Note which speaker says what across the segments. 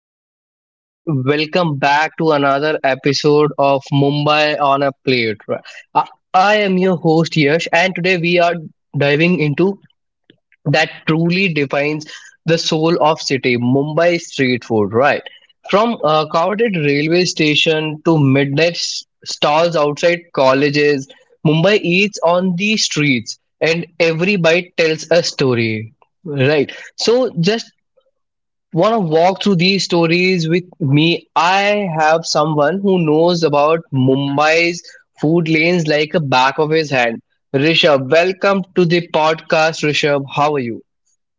Speaker 1: guys, and welcome back to another episode of Mumbai on a Plate. I I am your host, Yash, and today we are diving into that truly defines the soul of city Mumbai street food, right? From a crowded railway station to midnight stalls outside colleges, Mumbai eats on the streets, and every bite tells a story, right? So, just want to walk through these stories with me. I have someone who knows about Mumbai's food lanes like a back of his hand. Rishabh, welcome to the podcast. Rishabh, how are you?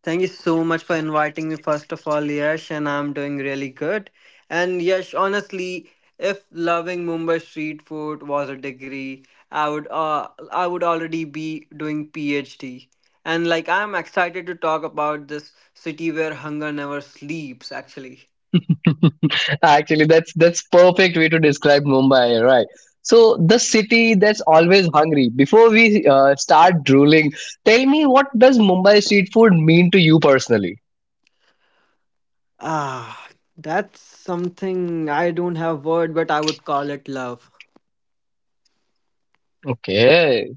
Speaker 2: Thank you so much for inviting me, first of all, Yash, and I'm doing really good. And Yash, honestly, if loving Mumbai street food was a degree, I would already be doing PhD. And like I'm excited to talk about this city where hunger never sleeps, actually.
Speaker 1: Actually, that's perfect way to describe Mumbai, right? So the city that's always hungry. Before we start drooling, tell me what does Mumbai street food mean to you personally?
Speaker 2: Ah, that's something I don't have word, but I would call it love.
Speaker 1: Okay,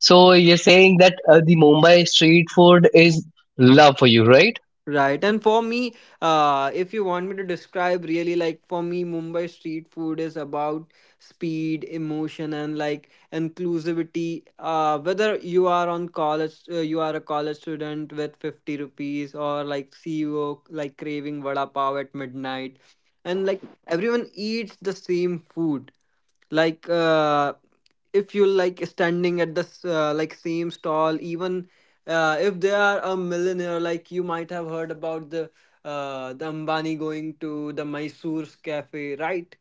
Speaker 1: so you're saying that the Mumbai street food is love for you, right?
Speaker 2: Right. And for me, if you want me to describe really like for me, Mumbai street food is about speed, emotion, and like inclusivity. Whether you are a college student with 50 rupees or like CEO, like craving vada pav at midnight. And like everyone eats the same food. Like uh, if you like standing at the like same stall even if they are a millionaire, like you might have heard about the Ambani going to the Mysore's cafe, right?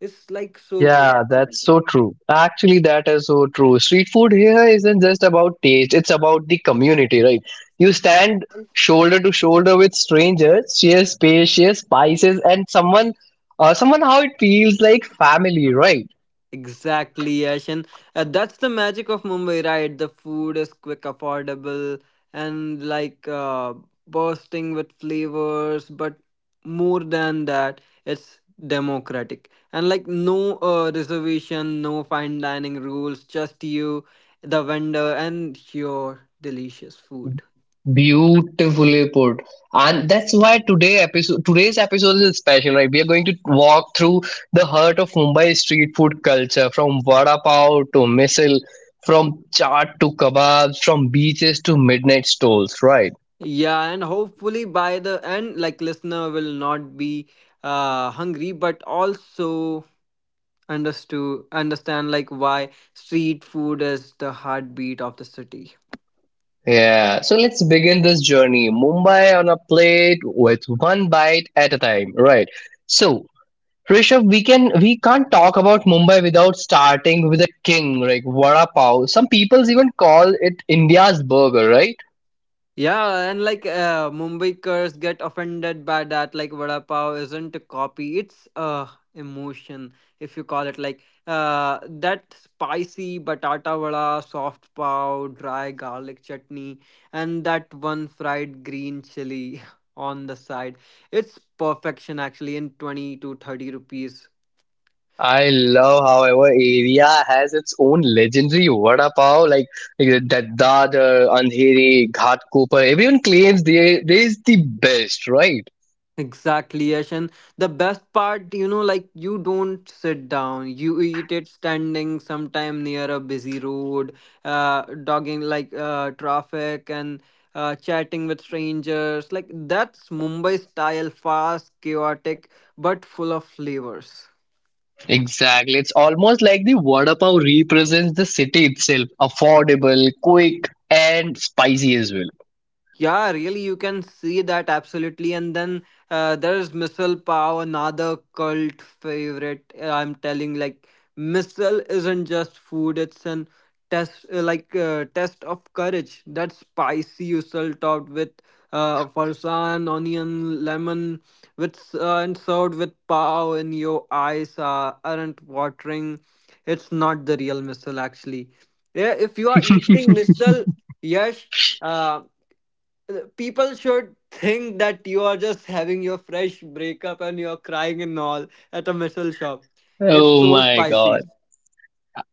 Speaker 2: It's like so good.
Speaker 1: Yeah,
Speaker 2: Yes,
Speaker 1: that's so true. Actually, that is so true. Street food here isn't just about taste, it's about the community, right? You stand shoulder to shoulder with strangers, share space, share spices, and someone, someone how it feels like family, right?
Speaker 2: exactly, Yash. And that's the magic of Mumbai, right? The food is quick, affordable, and like bursting with flavors. But more than that, it's democratic. And like no reservation, no fine dining rules, just you, the vendor, and your delicious food.
Speaker 1: Beautifully put. And that's why today's episode is special, right? We are going to walk through the heart of Mumbai street food culture, from vada pav to Misal, from chaat to kebabs, from beaches to midnight stalls, right?
Speaker 2: Yeah, and hopefully by the end, like listener will not be hungry, but also understood understand like why street food is the heartbeat of the city.
Speaker 1: Yeah, so let's begin this journey. Mumbai on a plate with one bite at a time, right? So, Rishabh, we can't talk about Mumbai without starting with a king, like vada pav. Some people even call it India's burger, right?
Speaker 2: Yeah, and like mumbaikars get offended by that. Like vada pav isn't a copy, it's a emotion. If you call it like uh that spicy batata vada, soft pav, dry garlic chutney, and that one fried green chili on the side, it's perfection, actually, in 20 to 30 rupees.
Speaker 1: I love how our area has its own legendary vada pav, like that Dadar, Andheri, Ghatkopar. Everyone claims they is the best, right?
Speaker 2: Exactly, Yash. And the best part, you know, like you don't sit down, you eat it standing, sometime near a busy road, dogging like traffic and chatting with strangers. Like that's Mumbai style, fast, chaotic, but full of flavors.
Speaker 1: Exactly. It's almost like the vada pav represents the city itself. Affordable, quick, and spicy as well.
Speaker 2: Yeah, really, you can see that absolutely. And then there's Missile Pow, another cult favorite. I'm telling, like, Missile isn't just food; it's an test of courage. That spicy usul topped with farsan, onion, lemon, and served with pow, in your eyes aren't watering. It's not the real missile, actually. Yeah, if you are eating missile, yes. uh, People should think that you are just having your fresh breakup and you're crying and all at a missile shop. It's
Speaker 1: Oh
Speaker 2: so
Speaker 1: my
Speaker 2: spicy.
Speaker 1: god.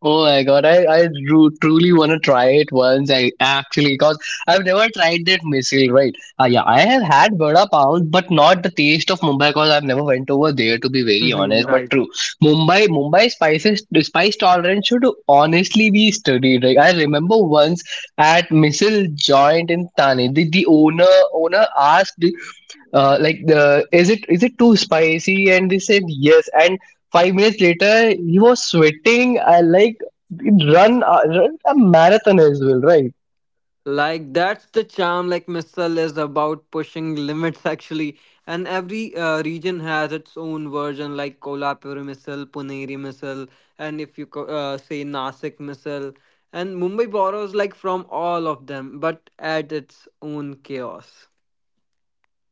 Speaker 1: Oh my god, I truly want to try it once. I actually, because I've never tried that missile, right? Yeah, I have had vada pav, but not the taste of Mumbai because I've never went over there to be very
Speaker 2: Mhm,
Speaker 1: honest. But
Speaker 2: right.
Speaker 1: true, Mumbai spices the spice tolerance should honestly be studied. Like I remember once at missile joint in Thane, the owner asked like the is it too spicy, and they said yes, and 5 minutes later he was sweating. I like run a marathon as well, right?
Speaker 2: Like that's the charm. Like missile is about pushing limits, actually, and every region has its own version. Like Kolhapur missile, Puneri missile, and if you co- say Nasik missile, and Mumbai borrows like from all of them, but at its own chaos.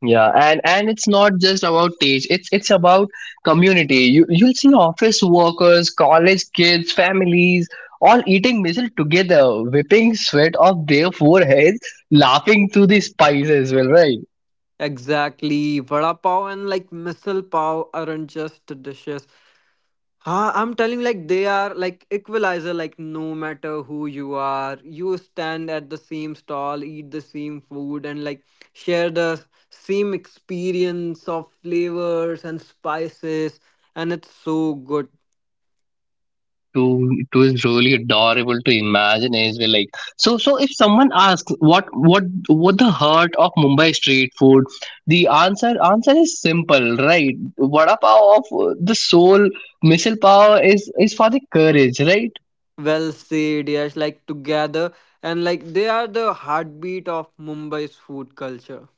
Speaker 1: Yeah, and it's not just about age, it's about community. You you'll see office workers, college kids, families all eating meal together, whipping sweat off their foreheads, laughing through the spice as well, right?
Speaker 2: Exactly. Vada pav and like missile pav aren't just dishes. Huh, I'm telling you, like they are like equalizer, like no matter who you are, you stand at the same stall, eat the same food, and like share the same experience of flavors and spices, and it's so good.
Speaker 1: Too, it was really adorable to imagine as well, like so so if someone asks what what the heart of Mumbai street food, the answer is simple, right? Vada pav of the soul, missile pav is for the courage, right?
Speaker 2: Well said, yes, like together, and like they are the heartbeat of Mumbai's food culture.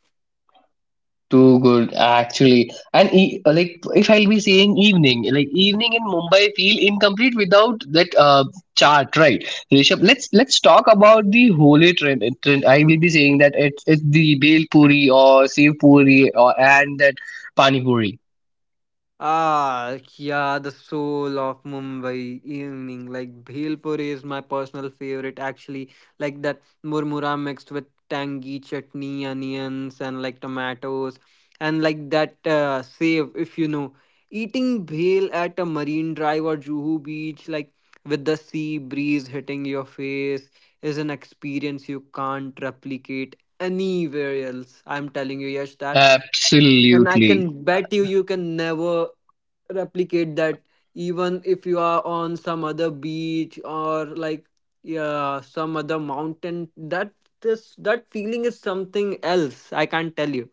Speaker 1: Too good, actually. And like, if I'll be saying evening, like evening in Mumbai feel incomplete without that chart, right? Rishabh, let's talk about the holy trend. I will be saying that it's the bel puri or sev puri or and that pani puri.
Speaker 2: Ah, yeah, the soul of Mumbai evening. Like Bhelpuri is my personal favorite, actually. Like that murmura mixed with tangy chutney, onions, and like tomatoes, and like that save, if you know. Eating bhel at a marine drive or Juhu beach, like with the sea breeze hitting your face, is an experience you can't replicate anywhere else. I'm telling you, Yash, that and I
Speaker 1: Absolutely.
Speaker 2: can bet you, you can never replicate that, even if you are on some other beach or like, yeah, some other mountain. That this that feeling is something else. I can't tell you.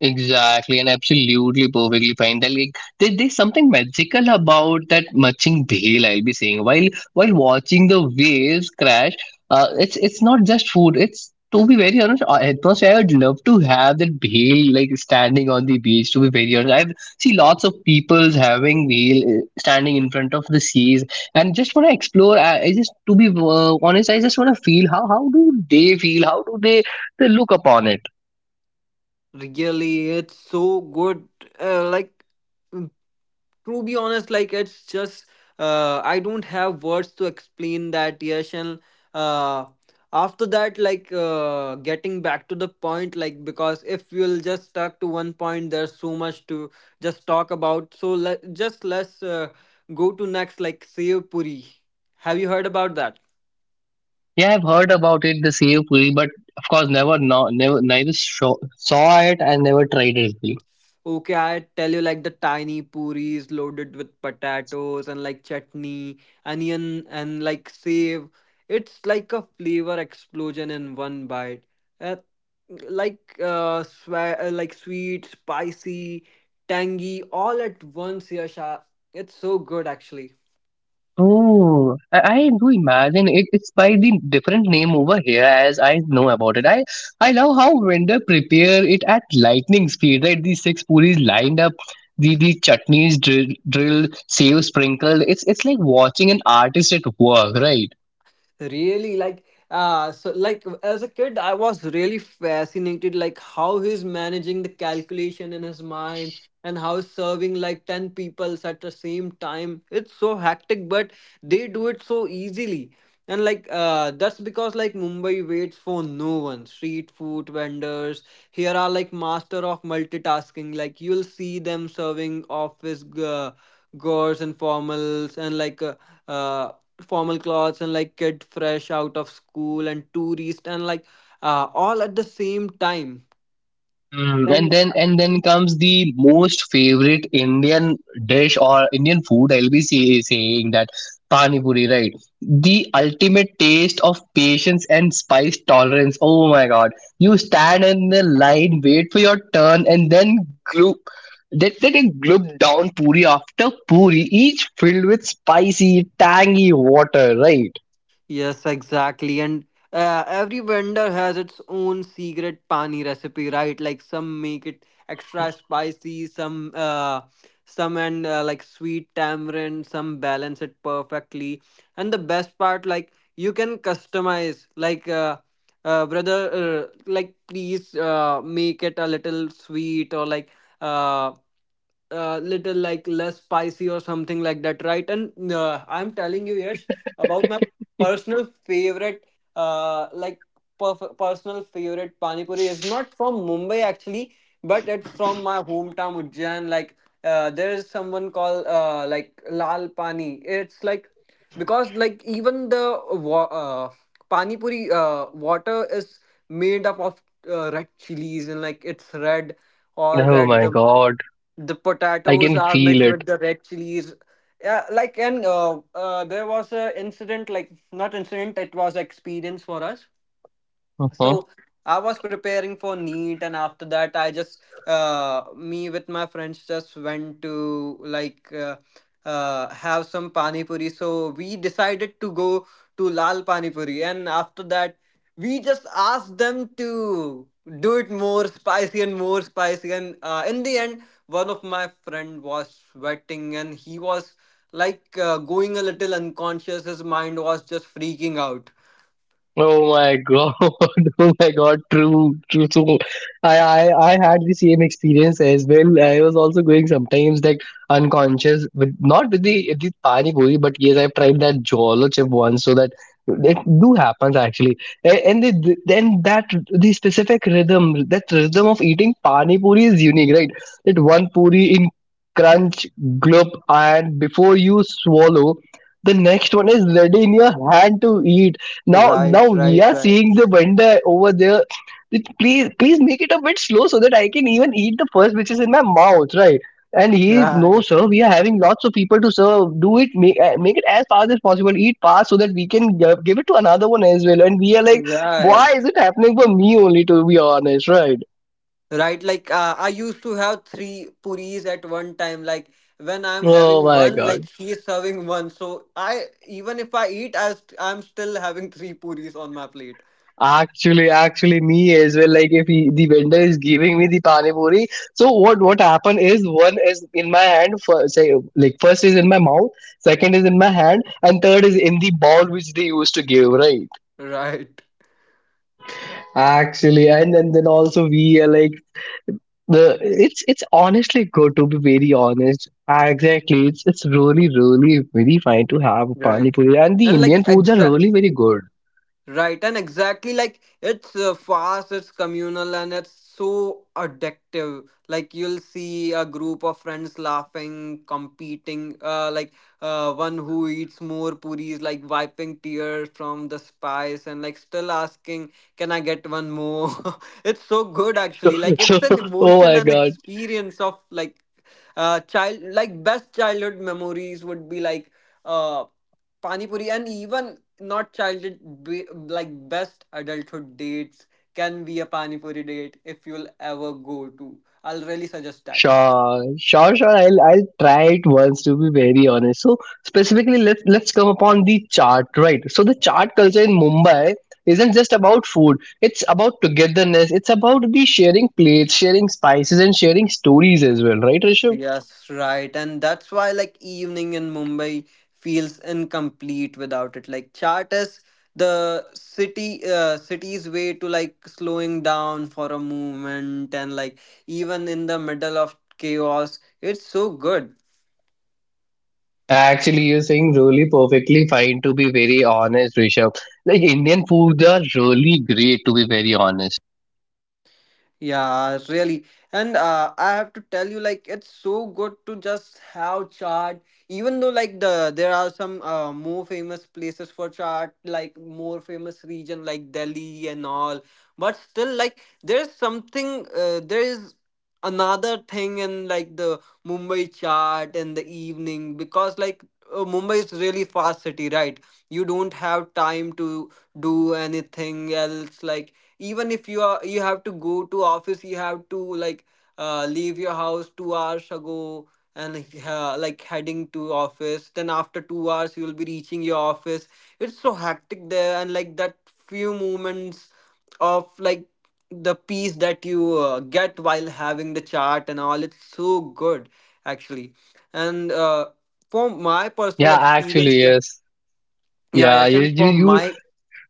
Speaker 1: Exactly, and absolutely perfectly fine. That like there's something magical about that matching bhel. I'll be saying while watching the waves crash. It's not just food. It's to be very honest, atmosphere. I would love to have that bhel like standing on the beach. To be very honest, I've see lots of people having bhel standing in front of the seas, and just want to explore. I just to be honest, I just want to feel how do they feel? How do they look upon it?
Speaker 2: Really, it's so good. Like to be honest, like it's just I don't have words to explain that, yes. And uh, after that, like getting back to the point, like because if we'll just stuck to one point there's so much to just talk about, so let's go to next, like sev puri. Have you heard about that?
Speaker 1: Yeah, I've heard about it, the Sev Puri, but of course, never, neither saw it, and never tried it.
Speaker 2: Okay, I tell you, like the tiny puris loaded with potatoes and like chutney, onion and like save. It's like a flavor explosion in one bite. Uh, like sweet, spicy, tangy, all at once, Yasha. It's so good, actually.
Speaker 1: Oh, I do imagine it. It's by the different name over here, as I know about it. I love how vendor prepare it at lightning speed. Right, these six puris lined up, the chutneys drilled, save sprinkled. It's like watching an artist at work, right?
Speaker 2: Really, like so like as a kid I was really fascinated, like how he's managing the calculation in his mind and how he's serving like 10 people at the same time. It's so hectic, but they do it so easily. And like that's because like mumbai waits for no one. Street food vendors here are like master of multitasking. Like you'll see them serving office girls and formals and like uh, formal clothes and like kid fresh out of school and tourist and like all at the same time,
Speaker 1: Mm, and
Speaker 2: and
Speaker 1: then comes the most favorite Indian dish or Indian food. Saying that pani puri, right? The ultimate taste of patience and spice tolerance. Oh my God! You stand in the line, wait for your turn, and then group that then it gulp down puri after puri, each filled with spicy, tangy water, right?
Speaker 2: yes, exactly. And every vendor has its own secret pani recipe, right? Like some make it extra spicy, some and like sweet tamarind, some balance it perfectly. And the best part, like you can customize, like brother, like please make it a little sweet or like uh little like less spicy or something like that, right? And I'm telling you, Yash, about my personal favorite, like perf- personal favorite pani puri is not from Mumbai, actually, but it's from my hometown Ujjain. Like there is someone called like Lal Pani. It's like because like even the pani puri water is made up of red chilies and like it's red, all
Speaker 1: Oh
Speaker 2: red.
Speaker 1: my God!
Speaker 2: The
Speaker 1: I
Speaker 2: potatoes
Speaker 1: can
Speaker 2: are
Speaker 1: feel
Speaker 2: mixed with the red chilies, yeah. Like and there was a incident, like not incident, it was experience for us.
Speaker 1: it.
Speaker 2: So I was preparing for NEET, and after that, I just me with my friends just went to like have some pani puri. So we decided to go to Lal Pani Puri, and after that, we just asked them to do it more spicy. And in the end, one of my friend was sweating, and he was like going a little unconscious. His mind was just freaking out.
Speaker 1: Oh my god! Oh my god! True, true. So I had the same experience as well. I was also going sometimes like unconscious with not with the pani puri, but yes, I've tried that jawlo chip once. So that it do happens actually, and, and the specific rhythm, that rhythm of eating pani puri is unique, right? That one puri in crunch, gulp, and before you swallow, the next one is ready in your hand to eat now
Speaker 2: Right,
Speaker 1: Now we
Speaker 2: right,
Speaker 1: are
Speaker 2: right.
Speaker 1: seeing the vendor over there. It- please, please make it a bit slow so that I can even eat the first which is in my mouth, right? And he, no
Speaker 2: Right,
Speaker 1: sir, we are having lots of people to serve. Do it, make it as fast as possible. Eat fast so that we can give it to another one as well. And we are like, why
Speaker 2: right,
Speaker 1: is it happening for me only, to be honest, right?
Speaker 2: right. Like I used to have three puris at one time. Like when I'm
Speaker 1: Oh
Speaker 2: having
Speaker 1: my
Speaker 2: one,
Speaker 1: god.
Speaker 2: like he is serving one. So I even if I eat, I'm still having three puris on my plate.
Speaker 1: Actually, actually, me as well. Like, if he, the vendor is giving me the pani puri, so what happen is one is in my hand, for say like first is in my mouth, second is in my hand, and third is in the bowl which they used to give, right?
Speaker 2: Right,
Speaker 1: Actually, and then also we are like the it's honestly good to be very honest. Exactly, it's really really very fine to have pani
Speaker 2: right.
Speaker 1: puri, and the
Speaker 2: And like
Speaker 1: Indian foods are
Speaker 2: exact.
Speaker 1: really very good.
Speaker 2: Right, and exactly like it's fast, it's communal, and it's so addictive. Like you'll see a group of friends laughing, competing. One who eats more puris, like wiping tears from the spice, and like still asking, "Can I get one more?" It's so good, actually. Like
Speaker 1: So,
Speaker 2: it's an
Speaker 1: oh
Speaker 2: emotion
Speaker 1: my
Speaker 2: and
Speaker 1: god.
Speaker 2: experience of like child. Like best childhood memories would be like. Uh, Pani puri. And even not childhood, be like best adulthood dates can be a pani puri date if you'll ever go to. I'll really suggest that.
Speaker 1: Sure, sure, sure. I'll try it once to be very honest. So specifically, let's come upon the chart, right? So the chart culture in Mumbai isn't just about food. It's about togetherness. It's about the sharing plates, sharing spices, and sharing stories as well, right, Rishabh?
Speaker 2: Yes, right. And that's why like evening in mumbai feels incomplete without it. Like chat is the city city's way to like slowing down for a moment, and like even in the middle of chaos it's so good.
Speaker 1: Actually, you're saying really perfectly fine to be very honest, Rishabh. Like Indian foods are really great to be very honest.
Speaker 2: Yeah, really. And I have to tell you, like, it's so good to just have chart. Even though, like, there are some more famous places for chart, like more famous region like Delhi and all. But still, like, there's something. There is another thing in like the Mumbai chart in the evening, because, like, Mumbai is really fast city, right? You don't have time to do anything else, like even if you are you have to go to office, you have to like leave your house 2 hours ago, and like heading to office, then after 2 hours you will be reaching your office. It's so hectic there, and like that few moments of like the peace that you get while having the chat and all, it's so good, actually. And from my personal
Speaker 1: Yeah, actually,
Speaker 2: experience, like
Speaker 1: yes.
Speaker 2: yeah,
Speaker 1: Yeah,
Speaker 2: yashan, from
Speaker 1: you
Speaker 2: my.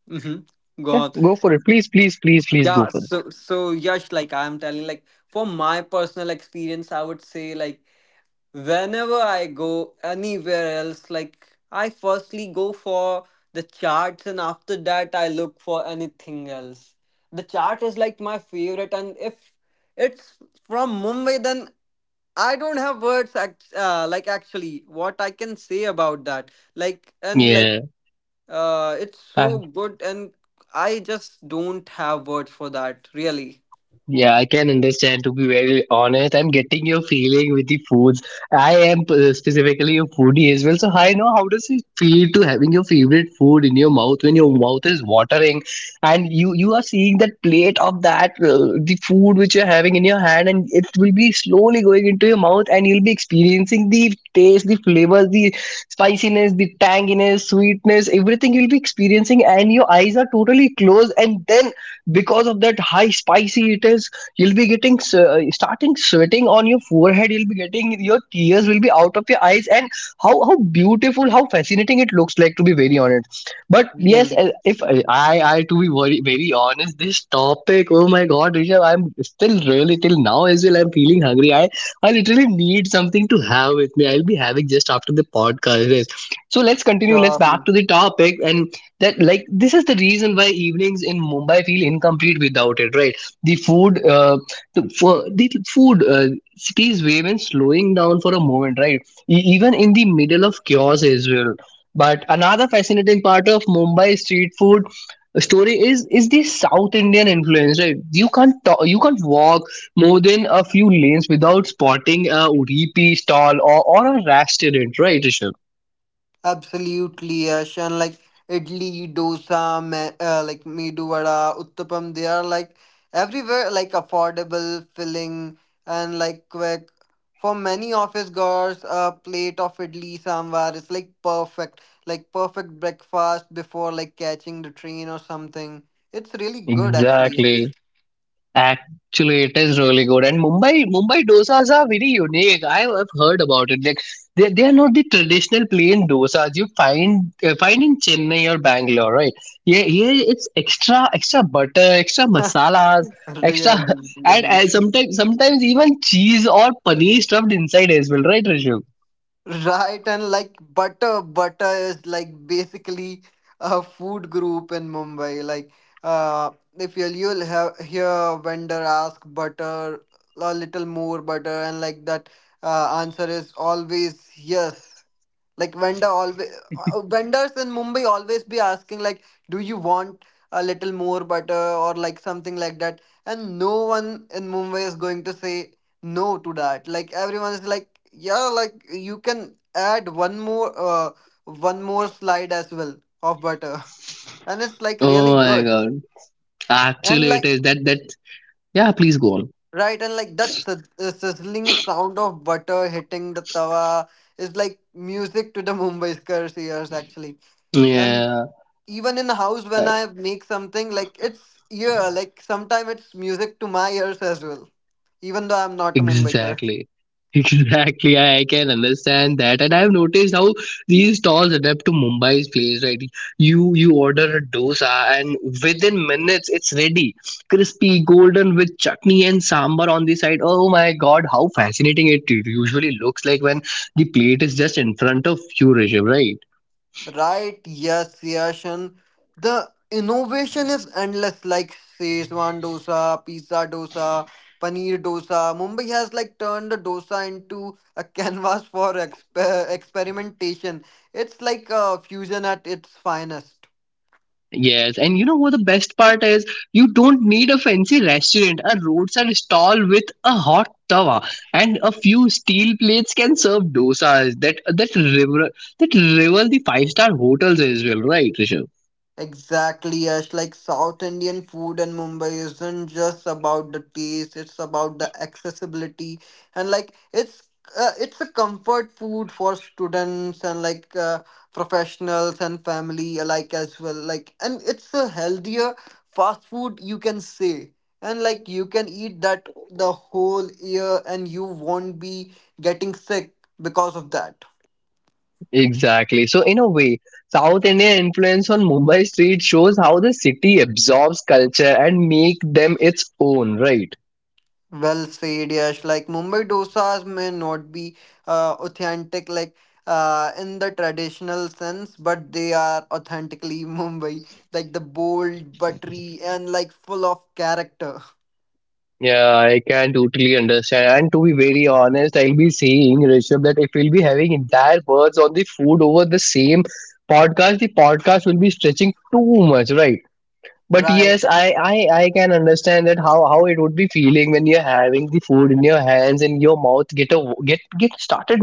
Speaker 2: Mhm. Go
Speaker 1: yeah,
Speaker 2: on.
Speaker 1: go for it. Please, please go
Speaker 2: Yeah,
Speaker 1: for
Speaker 2: so so Yash, like I'm telling, like for my personal experience, I would say like whenever I go anywhere else, like I firstly go for the charts, and after that I look for anything else. The chart is like my favorite, and if it's from Mumbai, then I don't have words. Like actually, what I can say about that, like and like
Speaker 1: it.
Speaker 2: it's
Speaker 1: Yeah.
Speaker 2: so good, and I just don't have words for that, really.
Speaker 1: Yeah, I can understand. To be very honest, I'm getting your feeling with the foods. I am specifically a foodie as well, so I know how does it feel to having your favorite food in your mouth when your mouth is watering, and you are seeing that plate of that the food which you're having in your hand, and it will be slowly going into your mouth, and you'll be experiencing the taste, the flavors, the spiciness, the tanginess, sweetness, everything you'll be experiencing, and your eyes are totally closed, and then because of that high spicy it is, you'll be getting starting sweating on your forehead. You'll be getting your tears will be out of your eyes. And how beautiful, how fascinating it looks like, to be very honest. But yes,
Speaker 2: Really,
Speaker 1: if I I, to be very very honest, this topic, oh my god Rishabh, I'm still really till now as well, I'm feeling hungry. I literally need something to have with me. I'll be having just after the podcast. Yes. So let's continue. Let's back
Speaker 2: surely,
Speaker 1: to the topic. And that like this is the reason why evenings in Mumbai feel incomplete without it, right? The food for the food, cities way when slowing down for a moment, right? Even in the middle of chaos as well. But another fascinating part of Mumbai street food story is the South Indian influence, right? You can't talk, you can't walk more than a few lanes without spotting a Udupi stall, or a restaurant, right, Rishabh?
Speaker 2: absolutely, Yash. And like idli, dosa, like medu vada, uttapam, they are like everywhere, like affordable, filling, and like quick. For many office girls, a plate of idli sambar is like perfect breakfast before like catching the train or something. It's really good, actually.
Speaker 1: Exactly. Actually, it is really good. And Mumbai dosas are very unique. I have heard about it. Like they are not the traditional plain dosas you find in Chennai or Bangalore, right? Yeah, here it's extra butter, extra masalas, extra
Speaker 2: Really, really.
Speaker 1: and sometimes even cheese or paneer stuffed inside as well, right, Rishu?
Speaker 2: Right, and like butter is like basically a food group in Mumbai. Like, if you'll have hear a vendor ask butter, a little more butter, and like that answer is always yes. Like vendors in mumbai always be asking like, do you want a little more butter or like something like that, and no one in mumbai is going to say no to that. Like everyone is like, yeah, like you can add one more slide as well of butter. And it's like
Speaker 1: Oh
Speaker 2: really
Speaker 1: my
Speaker 2: good,
Speaker 1: God!
Speaker 2: and
Speaker 1: Actually, it
Speaker 2: like
Speaker 1: is that. Yeah, please go on.
Speaker 2: right, and like that sizzling sound of butter hitting the tawa is like music to the mumbai's ears, actually. And
Speaker 1: Yeah.
Speaker 2: even in the house when I make something like it's, yeah, like sometimes it's music to my ears as well, even though I'm not a mumbaikar.
Speaker 1: Exactly. Exactly, I can understand that, and I've noticed how these stalls adapt to Mumbai's place. Right, you order a dosa, and within minutes it's ready, crispy, golden with chutney and sambar on the side. Oh my God, how fascinating it usually looks like when the plate is just in front of you, Rishabh. Right?
Speaker 2: Right, yes, yashan, the innovation is endless. Like szechuan dosa, pizza dosa, paneer dosa, mumbai has like turned the dosa into a canvas for experimentation. It's like a fusion at its finest.
Speaker 1: Yes, and you know what the best part is? You don't need a fancy restaurant. A roadside stall with a hot tawa and a few steel plates can serve dosas that rival the five-star hotels as well, right, Rishabh?
Speaker 2: Exactly, Yash. Like South Indian food in Mumbai isn't just about the taste, it's about the accessibility, and like it's a comfort food for students and like professionals and family alike as well. Like and it's a healthier fast food, you can say. And like you can eat that the whole year and you won't be getting sick because of that.
Speaker 1: Exactly. So in a way, South Indian influence on Mumbai street shows how the city absorbs culture and make them its own, right?
Speaker 2: Well said, Yash. Like Mumbai dosas may not be authentic, like in the traditional sense, but they are authentically Mumbai. Like the bold, buttery, and like full of character.
Speaker 1: Yeah, I can totally understand. And to be very honest, I'll be saying, Rishabh, that if we'll be having entire words on the food over the same podcast, the podcast will be stretching too much, right? But
Speaker 2: Right.
Speaker 1: yes, I can understand that how it would be feeling when you're having the food in your hands, and your mouth get a get get started.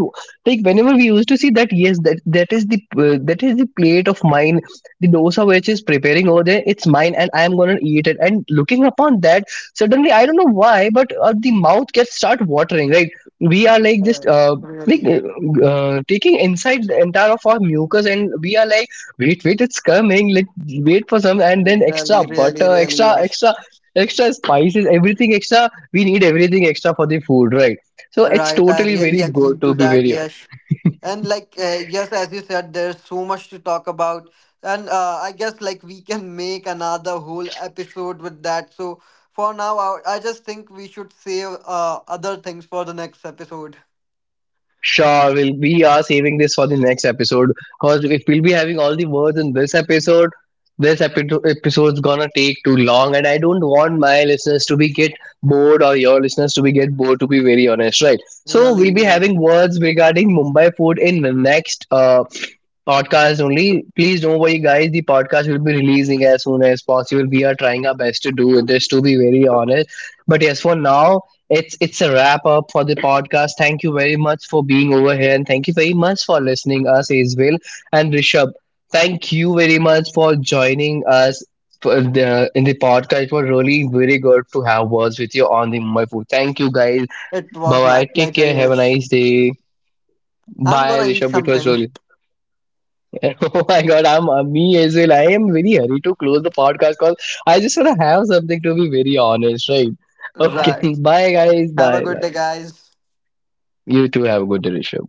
Speaker 1: Like whenever we used to see that, yes that is the plate of mine, the dosa which is preparing over there. It's mine, and I am going to eat it. And looking upon that, suddenly I don't know why but the mouth gets start watering, right? We are like
Speaker 2: Uh,
Speaker 1: just like
Speaker 2: Really,
Speaker 1: uh, taking inside the entire of our mucus, and we are like, wait, wait, it's coming. Like wait for some, and then extra
Speaker 2: really, really,
Speaker 1: butter,
Speaker 2: really, Yash.
Speaker 1: extra, extra spices, everything extra. We need everything extra for the food, right? So it's
Speaker 2: Right. I
Speaker 1: totally
Speaker 2: really
Speaker 1: very
Speaker 2: agree
Speaker 1: good
Speaker 2: to
Speaker 1: to be
Speaker 2: that,
Speaker 1: very.
Speaker 2: Yash. And like yes, as you said, there's so much to talk about, and I guess like we can make another whole episode with that. So for now, I just think we should save other things for the next episode.
Speaker 1: Sure, we are saving this for the next episode, because if we'll be having all the words in this episode, this episode's gonna take too long, and I don't want my listeners to be get bored or your listeners to be get bored, to be very honest, right? So we'll
Speaker 2: Really,
Speaker 1: be
Speaker 2: really,
Speaker 1: having words regarding Mumbai food in the next podcast only. Please don't worry, guys. The podcast will be releasing as soon as possible. We are trying our best to do this, to be very honest. But yes, for now, it's a wrap up for the podcast. Thank you very much for being over here, and thank you very much for listening us as well. And Rishabh, thank you very much for joining us for in the podcast. It was really very good to have words with you on the Mumbai food. Thank you guys.
Speaker 2: it
Speaker 1: Bye
Speaker 2: was my
Speaker 1: bye. Take
Speaker 2: pleasure,
Speaker 1: care. Have a
Speaker 2: Yash.
Speaker 1: nice day.
Speaker 2: I'm
Speaker 1: Bye,
Speaker 2: gonna eat
Speaker 1: Rishabh. It was
Speaker 2: something.
Speaker 1: really. Oh my God, I'm me as well. I am very hurry to close the podcast because I just want to have something to be very honest, right? Okay.
Speaker 2: Right.
Speaker 1: Bye, guys.
Speaker 2: Have a
Speaker 1: Bye.
Speaker 2: good day, guys.
Speaker 1: You too have a good day, Rishabh.